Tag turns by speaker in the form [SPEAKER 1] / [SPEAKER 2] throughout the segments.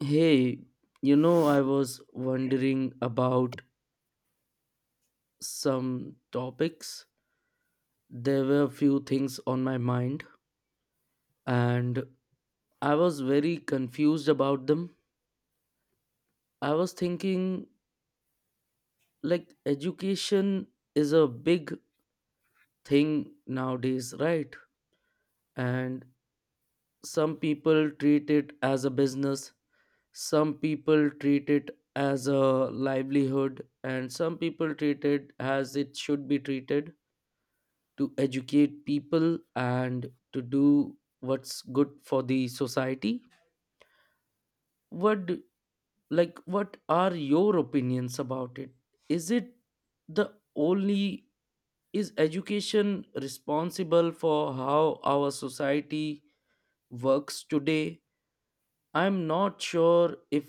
[SPEAKER 1] Hey, you know, I was wondering about some topics. There were a few things on my mind, and I was very confused about them. I was thinking, like, education is a big thing nowadays, right? And some people treat it as a business, some people treat it as a livelihood, and some people treat it as it should be treated, to educate people and to do what's good for the society. what do- like, what are your opinions about it? Is it the only, is education responsible for how our society works today? I'm not sure if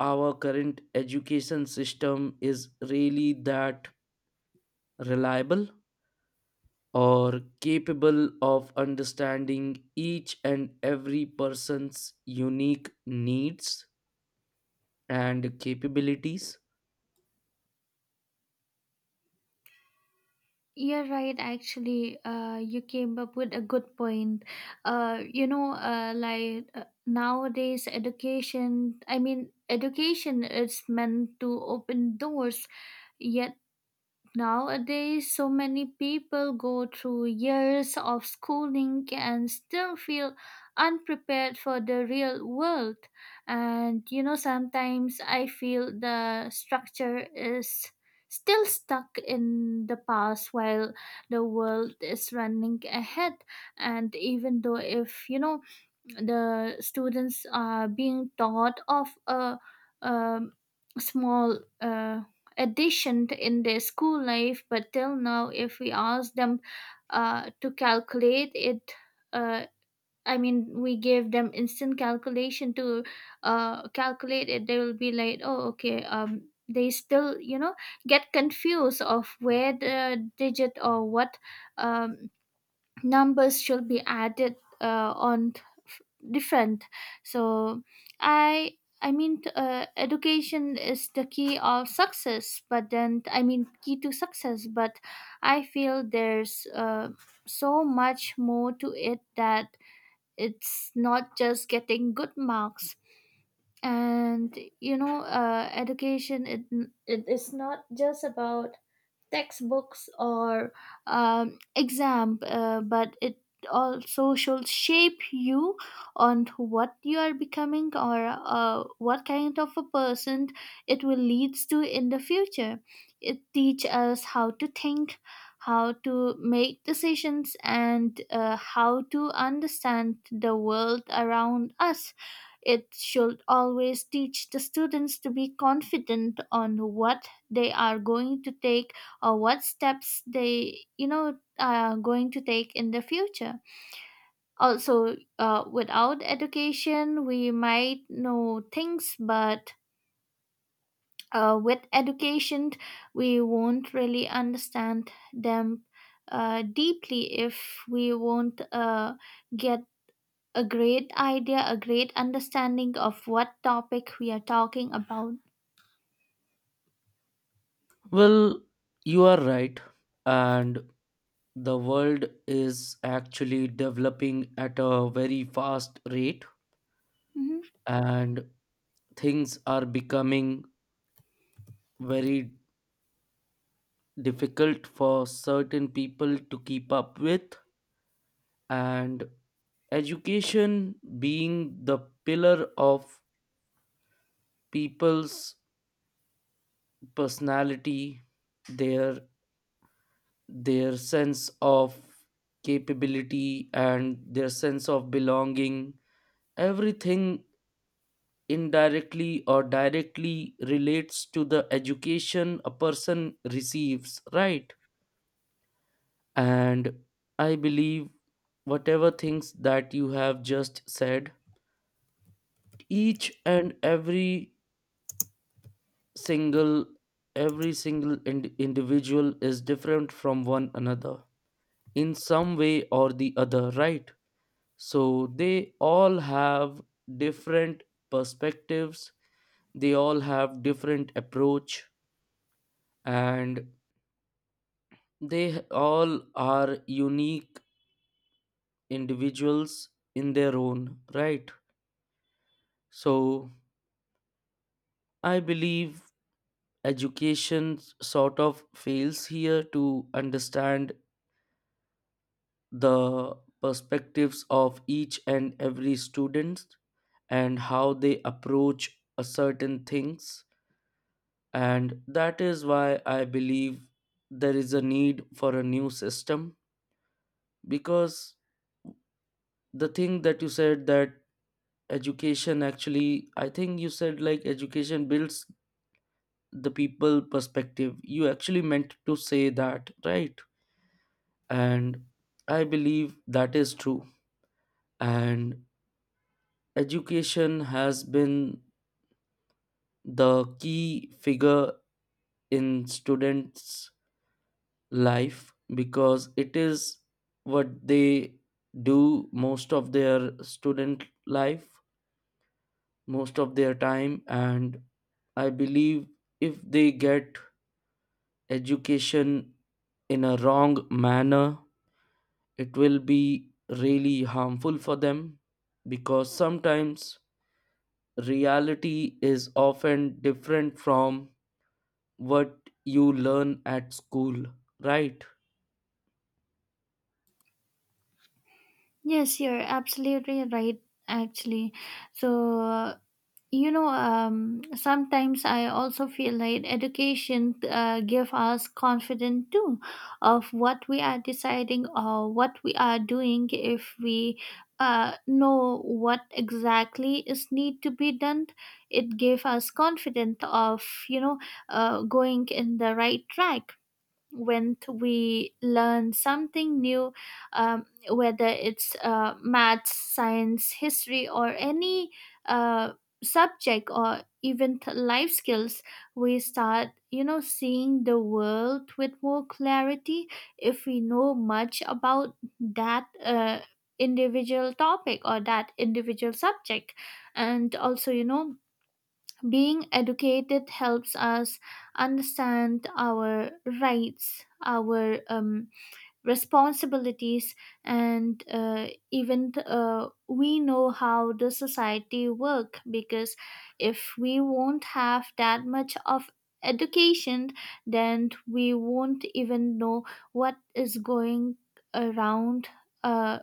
[SPEAKER 1] our current education system is really that reliable or capable of understanding each and every person's unique needs and capabilities.
[SPEAKER 2] You're right, actually. You came up with a good point. Nowadays, education, I mean, education is meant to open doors, yet Nowadays, so many people go through years of schooling and still feel unprepared for the real world. And you know, sometimes I feel the structure is still stuck in the past while the world is running ahead. And even though, if you know, the students are being taught of a, um small uh, addition in their school life, but till now if we ask them to calculate it, uh, I mean, we gave them instant calculation to calculate it, they will be like, oh okay, they still get confused of where the digit or what um, numbers should be added, different. So i i mean t- uh, education is the key of success, but then I mean key to success, but I feel there's so much more to it, that it's not just getting good marks. And you know, education it is not just about textbooks or exam, but it also should shape you on to what you are becoming, or what kind of a person it will leads to in the future. It teach us how to think, how to make decisions, and how to understand the world around us. It should always teach the students to be confident on what they are going to take, or what steps they are going to take in the future. Also, without education we might know things, but with education we won't really understand them deeply, if we won't get a great idea, a great understanding of what topic we are talking about.
[SPEAKER 1] Well, you are right. And the world is actually developing at a very fast rate,
[SPEAKER 2] Mhm.
[SPEAKER 1] and things are becoming very difficult for certain people to keep up with. And education being the pillar of people's personality, their their sense of capability and their sense of belonging, everything indirectly or directly relates to the education a person receives, right? And I believe, whatever things that you have just said, each and every single, individual is different from one another in some way or the other, right? So they all have different perspectives, they all have different approach, and all are unique individuals in their own right. So I believe education sort of fails here to understand the perspectives of each and every student and how they approach a certain things. And that is why I believe there is a need for a new system, because the thing that you said, that education, actually I think you said like education builds the people perspective, you actually meant to say that, right? And I believe that is true. And education has been the key figure in students' life, because it is what they do most of their student life, most of their time. And I believe if they get education in a wrong manner, it will be really harmful for them, because sometimes reality is often different from what you learn at school, right?
[SPEAKER 2] Yes, you're absolutely right, actually. So sometimes I also feel like education give us confidence too, of what we are deciding or what we are doing. If we know what exactly is need to be done, it gave us confidence of you know going in the right track. When we learn something new, um, whether it's maths, science, history, or any uh, subject, or even life skills, we start, you know, seeing the world with more clarity if we know much about that. Individual topic or that individual subject. And also, you know, being educated helps us understand our rights, our responsibilities, and even we know how the society work. Because if we won't have that much of education, then we won't even know what is going around. Uh,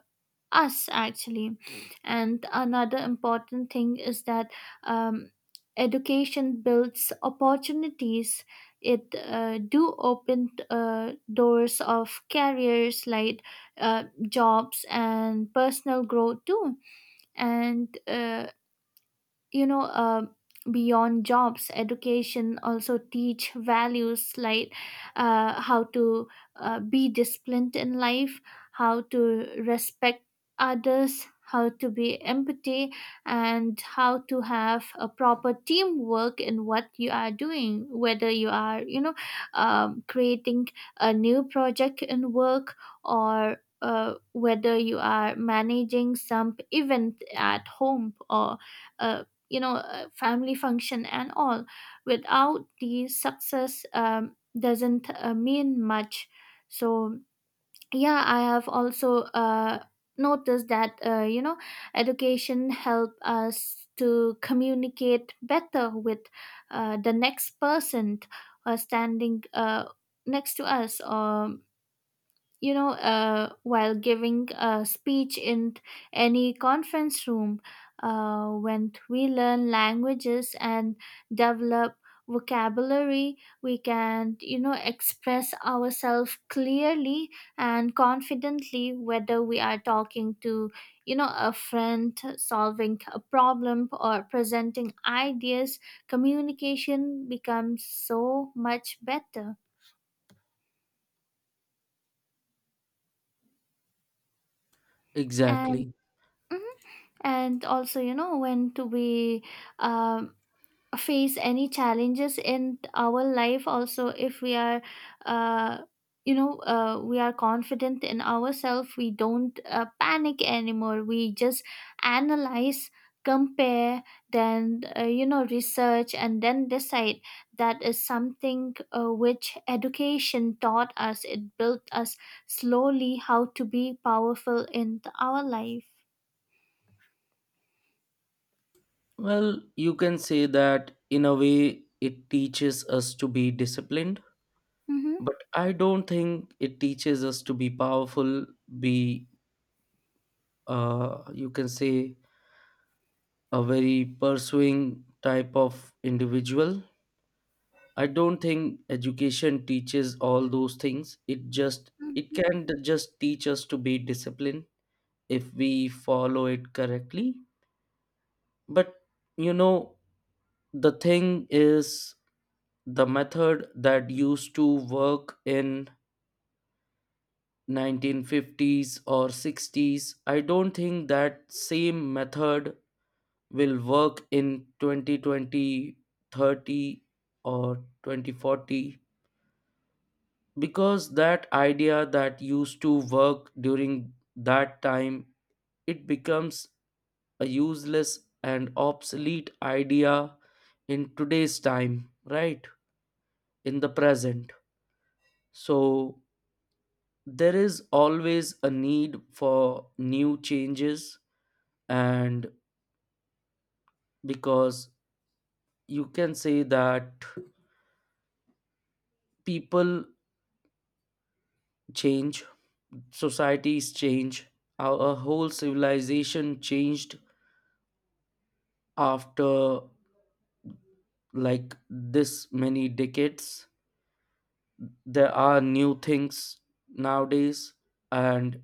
[SPEAKER 2] Us actually. And another important thing is that um, education builds opportunities. It do open doors of careers, like jobs and personal growth too. And you know uh, beyond jobs, education also teach values, like how to be disciplined in life, how to respect others, how to be empathy, and how to have a proper teamwork in what you are doing, whether you are creating a new project in work, or whether you are managing some event at home, or uh, family function and all. Without the success, doesn't mean much. So yeah, I have also noticed that education help us to communicate better with the next person standing next to us, or you know, while giving a speech in any conference room, when we learn languages and develop vocabulary, we can, you know, express ourselves clearly and confidently, whether we are talking to, you know, a friend, solving a problem, or presenting ideas. Communication becomes so much better. And
[SPEAKER 1] Exactly.
[SPEAKER 2] and also, you know, when to we um, face any challenges in our life, also if we are uh, we are confident in ourselves, we don't panic anymore, we just analyze, compare, then research, and then decide. That is something which education taught us, it built us slowly how to be powerful in our life.
[SPEAKER 1] Well, you can say that in a way it teaches us to be disciplined,
[SPEAKER 2] Mm-hmm.
[SPEAKER 1] but I don't think it teaches us to be powerful, be, you can say, a very pursuing type of individual. I don't think education teaches all those things. It just, it can just teach us to be disciplined if we follow it correctly. But you know, the thing is, the method that used to work in 1950s or 60s, I don't think that same method will work in 2020 30 or 2040, because that idea that used to work during that time, it becomes a useless and obsolete idea in today's time, right? In the present. So there is always a need for new changes, and, because you can say that people change, societies change, our whole civilization changed after, like, this many decades. There are new things nowadays, and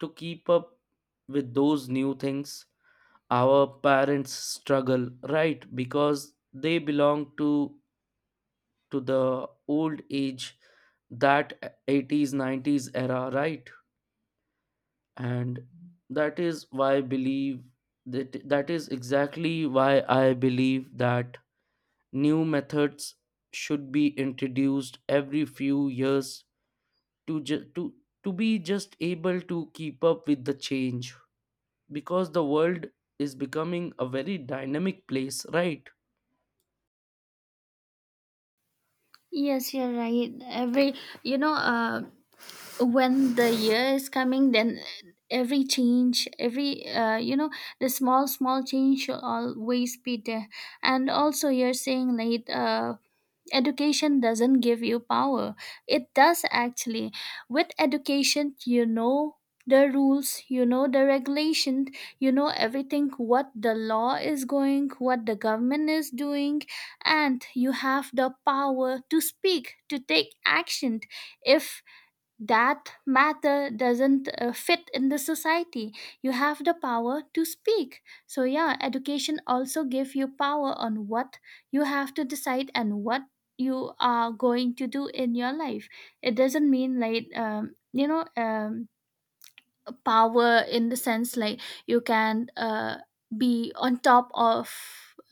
[SPEAKER 1] to keep up with those new things. Our parents struggle, right? Because they belong to the old age, that 80s, 90s era, right? And that is why I believe that, new methods should be introduced every few years to to be just able to keep up with the change, because the world is becoming a very dynamic place, right?
[SPEAKER 2] Yes, you're right. Every you know, uh, when the year is coming, then every change, every the small small change should always be there. And also, you're saying like education doesn't give you power. It does, actually. With education, you know the rules, you know the regulations, you know everything, what the law is going, what the government is doing, and you have the power to speak, to take action, if that matter doesn't fit in the society. You have the power to speak. So yeah, education also give you power on what you have to decide, and what you are going to do in your life. It doesn't mean like, you know, power in the sense like you can be on top of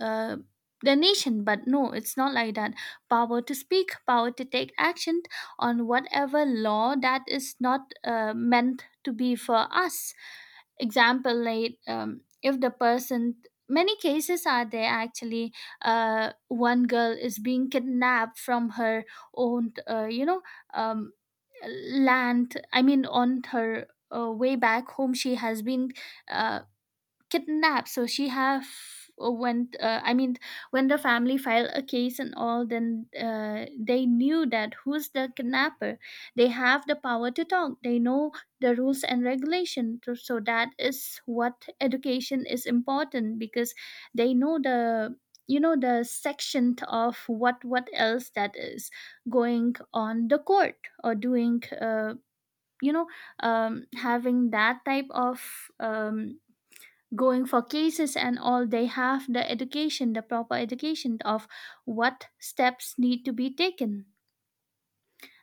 [SPEAKER 2] uh, the nation. But no, it's not like that. Power to speak, power to take action on whatever law that is not meant to be for us. Example, like, if the person, many cases are there actually. One girl is being kidnapped from her own um, land, I mean, on her way back home, she has been uh, kidnapped. So she have when I mean when the family filed a case and all, then they knew that who's the kidnapper. They have the power to talk, they know the rules and regulation. So that is what education is important, because they know the the section of what else that is going on the court, or doing you know having that type of, um, going for cases and all. They have the education, the proper education of what steps need to be taken.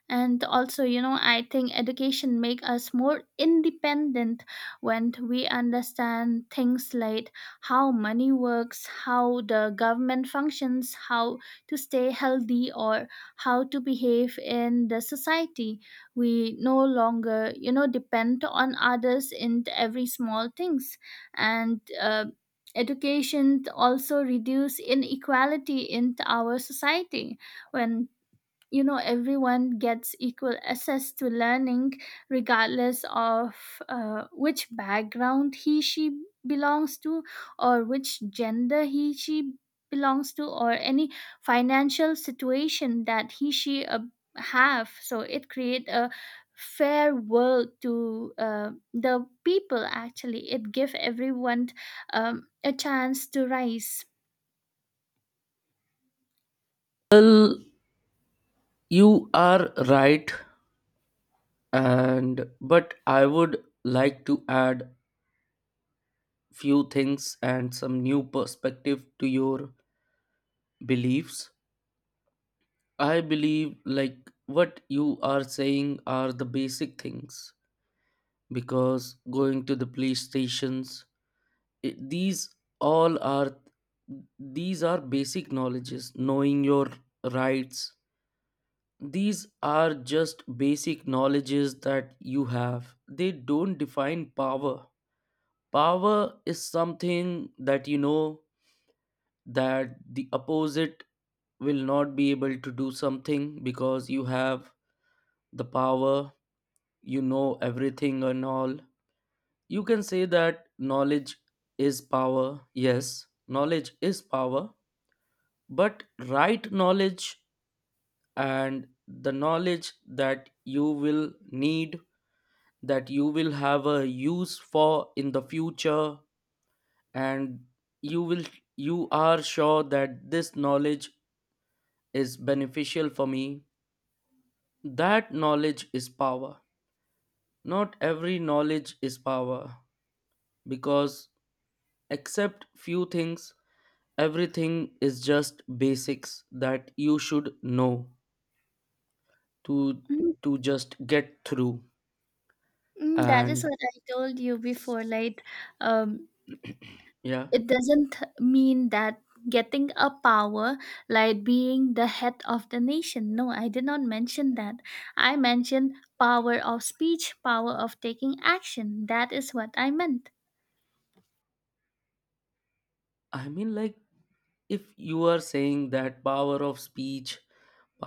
[SPEAKER 2] And also, you know, I think education make us more independent. When we understand things like how money works, how the government functions, how to stay healthy, or how to behave in the society, we no longer depend on others in every small things. And education also reduce inequality in our society. When, you know, everyone gets equal access to learning, regardless of which background he she belongs to, or which gender he she belongs to, or any financial situation that he she have. So it create a fair world to the people, actually. It give everyone a chance to rise.
[SPEAKER 1] Well, you are right. And but I would like to add few things and some new perspective to your beliefs. I believe, like, what you are saying are the basic things, because going to the police stations, it, these all are these are basic knowledges, knowing your rights. These are just basic knowledges that you have. They don't define power. Power is something that you know, that the opposite will not be able to do something because you have the power, you know everything and all. You can say that knowledge is power. Yes, knowledge is power, but right knowledge, and the knowledge that you will need, that you will have a use for in the future, and you will, you are sure that this knowledge is beneficial for me, that knowledge is power. Not every knowledge is power, because except few things, everything is just basics that you should know to
[SPEAKER 2] Mm,
[SPEAKER 1] to just get through.
[SPEAKER 2] mm, that is
[SPEAKER 1] And
[SPEAKER 2] what I told you before, like, um.
[SPEAKER 1] yeah.
[SPEAKER 2] It doesn't mean that getting a power, like being the head of the nation. No, I did not mention that. I mentioned power of speech, power of taking action. That is what I meant.
[SPEAKER 1] I mean, like, if you are saying that power of speech,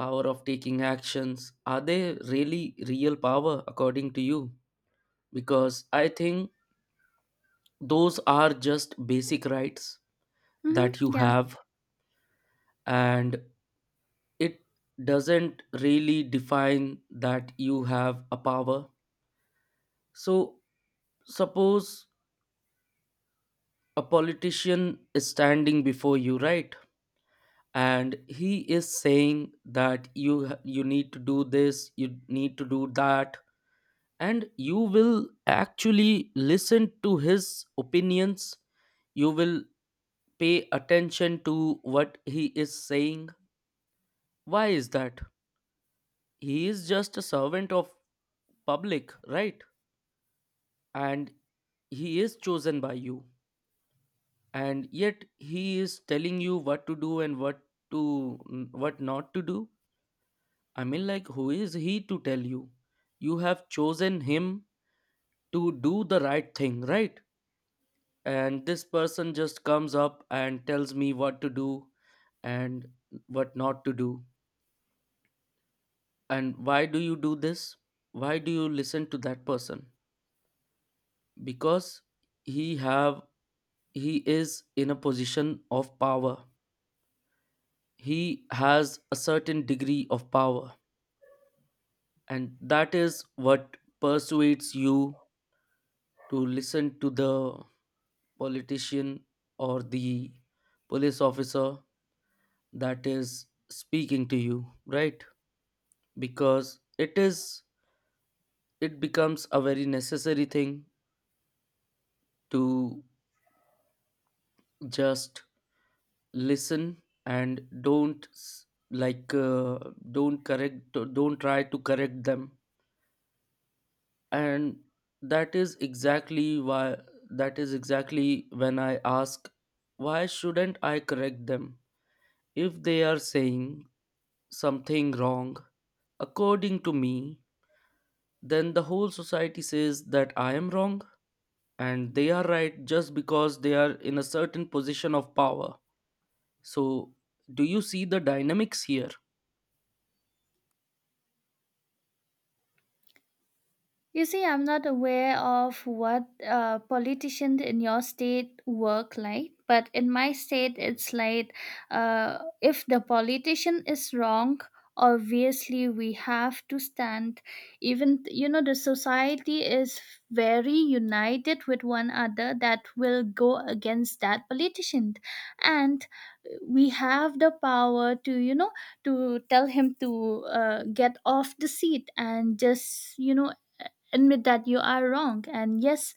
[SPEAKER 1] power of taking actions, are they really real power according to you? Because I think those are just basic rights
[SPEAKER 2] Hmm.
[SPEAKER 1] that you
[SPEAKER 2] Yeah.
[SPEAKER 1] have. And it doesn't really define that you have a power. So suppose a politician is standing before you, right? And he is saying that you need to do this, you need to do that, and you will actually listen to his opinions, you will pay attention to what he is saying. Why is that? He is just a servant of public, right? And he is chosen by you, and yet he is telling you what to do and what to, what not to do. I mean, like, who is he to tell you? You have chosen him to do the right thing, right? And this person just comes up and tells me what to do and what not to do. And why do you do this? Why do you listen to that person? Because he have, he is in a position of power, he has a certain degree of power, and that is what persuades you to listen to the politician or the police officer that is speaking to you, right? Because it is, it becomes a very necessary thing to just listen and don't s- like don't correct, don't try to correct them. And that is exactly why that is exactly when I ask, why shouldn't I correct them if they are saying something wrong according to me? Then the whole society says that I am wrong and they are right just because they are in a certain position of power. So, do you see the dynamics here?
[SPEAKER 2] You see, I'm not aware of what politicians in your state work like, but in my state, it's like if the politician is wrong, obviously we have to stand. Even, you know, the society is very united with one another that will go against that politician. And we have the power to, you know, to tell him to get off the seat and just, you know, admit that you are wrong. And yes,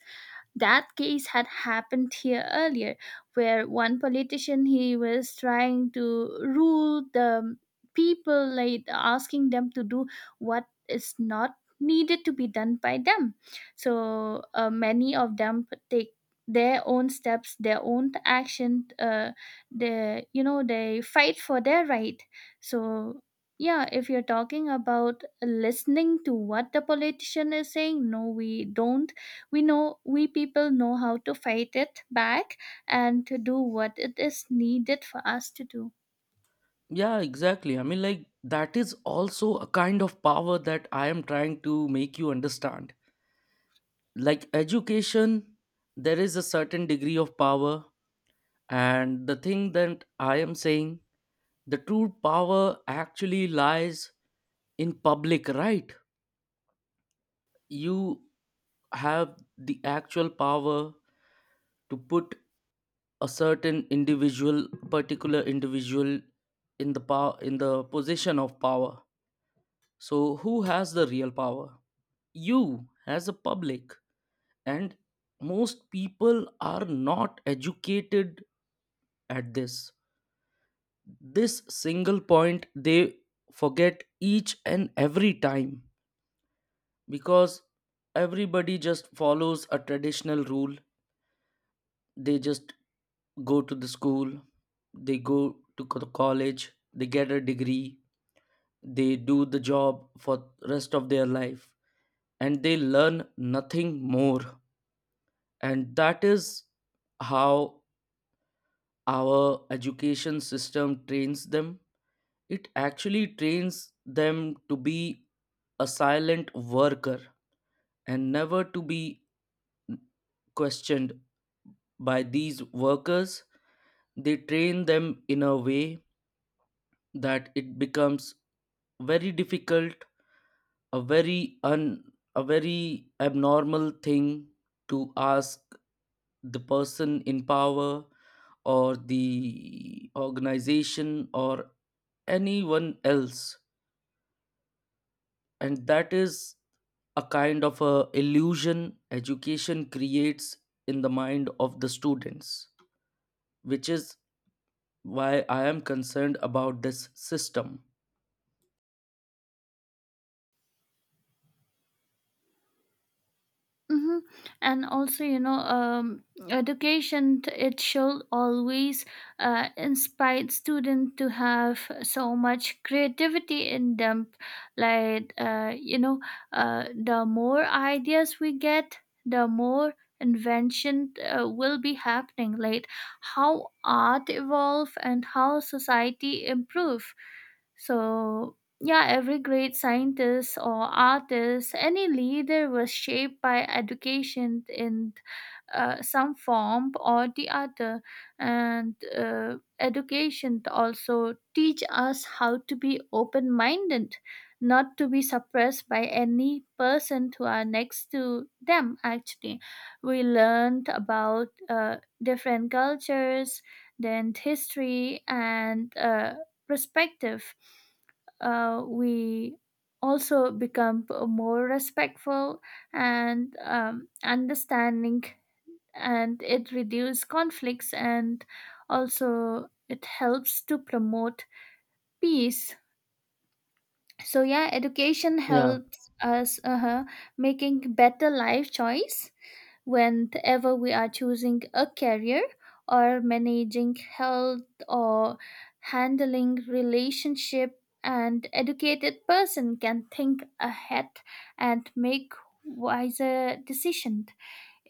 [SPEAKER 2] that case had happened here earlier, where one politician, he was trying to rule the people, like asking them to do what is not needed to be done by them. So many of them take their own steps, their own action. They, you know, they fight for their right. So yeah, if you're talking about listening to what the politician is saying, no, we don't. We know, we people know how to fight it back, and to do what it is needed for us to do.
[SPEAKER 1] Yeah, exactly. I mean, like, that is also a kind of power that I am trying to make you understand. Like, education, there is a certain degree of power. And the thing that I am saying, the true power actually lies in public, right? You have the actual power to put a certain individual, particular individual, in the power, in the position of power. So who has the real power? You, as a public. And most people are not educated at this, this single point they forget each and every time, because everybody just follows a traditional rule. They just go to the school, they go to college, they get a degree, they do the job for rest of their life, and they learn nothing more. And that is how our education system trains them. It actually trains them to be a silent worker and never to be questioned by these workers. They train them in a way that it becomes very difficult, a very un, a very abnormal thing to ask the person in power or the organization or anyone else. And that is a kind of a illusion education creates in the mind of the students, which is why I am concerned about this system.
[SPEAKER 2] Mm-hmm. And also, you know, education it should always inspire students to have so much creativity in them. Like, the more ideas we get, the more invention will be happening. Like, how art evolve and how society improve. So yeah, every great scientist or artist, any leader was shaped by education in some form or the other. And education also teach us how to be open-minded, not to be suppressed by any person who are next to them. Actually, we learned about different cultures, then history, and perspective. We also become more respectful and understanding, and it reduces conflicts, and also it helps to promote peace. So yeah, education
[SPEAKER 1] Yeah.
[SPEAKER 2] helps us making better life choice, whenever we are choosing a career, or managing health, or handling relationship. An educated person can think ahead and make wiser decisions.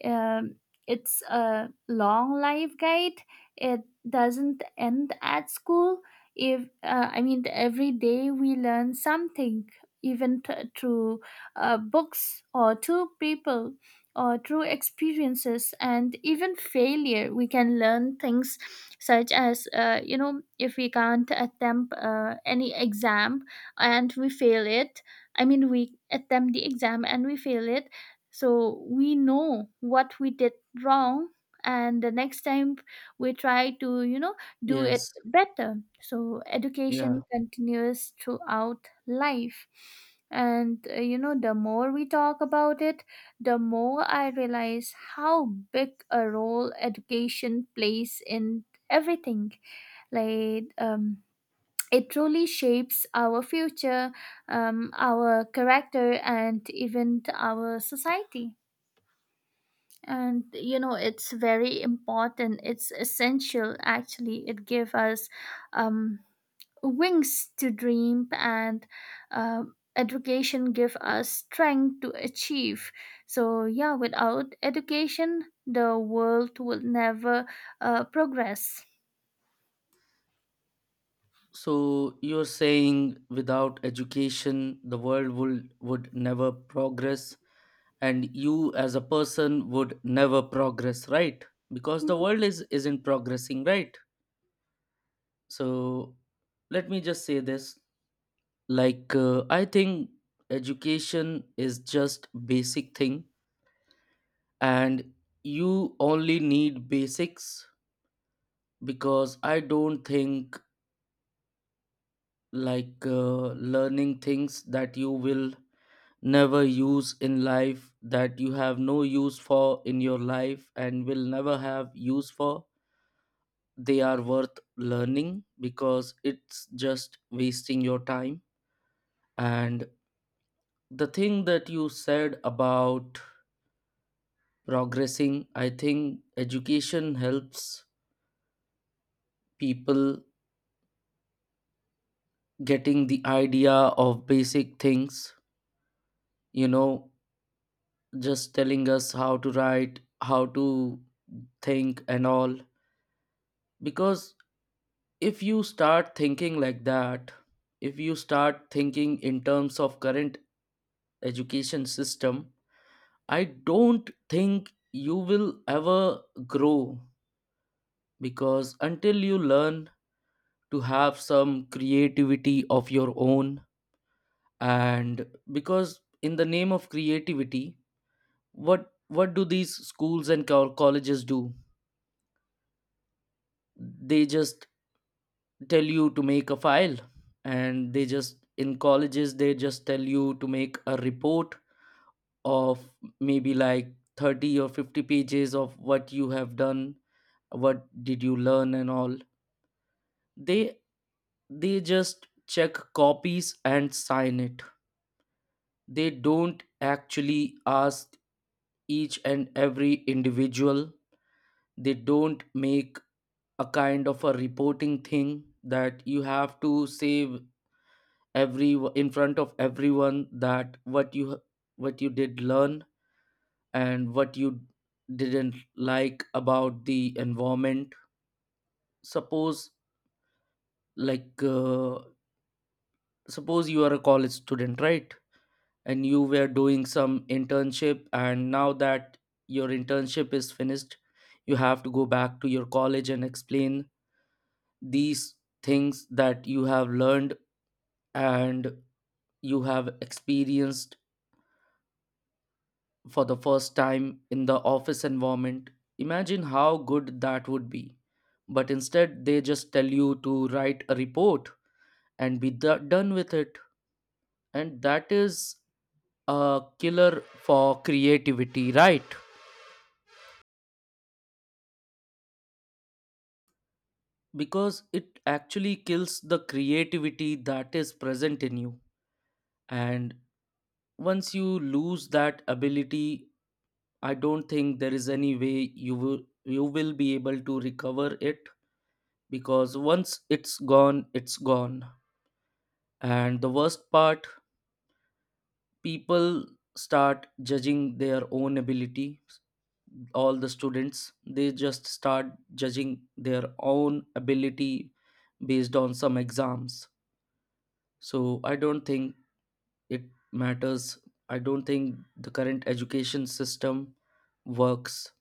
[SPEAKER 2] um, it's a long life guide. It doesn't end at school. If I mean, every day we learn something, even through books, or through people, or through experiences, and even failure. We can learn things, such as, you know, if we can't attempt any exam and we fail it. I mean, we attempt the exam and we fail it, so we know what we did wrong, and the next time we try to, you know, do it
[SPEAKER 1] Yes.
[SPEAKER 2] better. So education
[SPEAKER 1] Yeah.
[SPEAKER 2] continues throughout life. And you know, the more we talk about it, the more I realize how big a role education plays in everything. Like, it truly shapes our future, our character, and even our society. And you know, it's very important, it's essential, actually. It gives us um, wings to dream, and education give us strength to achieve. So yeah, without education, the world will never progress.
[SPEAKER 1] So you're saying without education, the world would never progress, and you as a person would never progress, right? Because the
[SPEAKER 2] Mhm.
[SPEAKER 1] world is isn't progressing, right? So let me just say this: like, I think education is just basic thing, and you only need basics, because I don't think, like, learning things that you will never use in life, that you have no use for in your life and will never have use for, they are worth learning, because it's just wasting your time. And the thing that you said about progressing, I think education helps people getting the idea of basic things, you know, just telling us how to write, how to think and all. Because if you start thinking like that, if you start thinking in terms of current education system, I don't think you will ever grow, because until you learn to have some creativity of your own, and because in the name of creativity, what do these schools and colleges do? They just tell you to make a file, and they just, in colleges they just tell you to make a report of maybe like 30 or 50 pages of what you have done, what did you learn and all. they they just check copies and sign it. They don't actually ask each and every individual. They don't make a kind of a reporting thing that you have to say, every, in front of everyone, that what you, what you did learn and what you didn't like about the environment. Suppose, like uh, suppose you are a college student, right? And you were doing some internship, and now that your internship is finished, you have to go back to your college and explain these things that you have learned and you have experienced for the first time in the office environment, imagine how good that would be. But instead, they just tell you to write a report and be done with it. And that is a killer for creativity, right? Because it actually kills the creativity that is present in you. And once you lose that ability, I don't think there is any way you will be able to recover it, because once it's gone, it's gone. And the worst part, people start judging their own ability. All the students, they just start judging their own ability based on some exams. So I don't think it matters. I don't think the current education system works.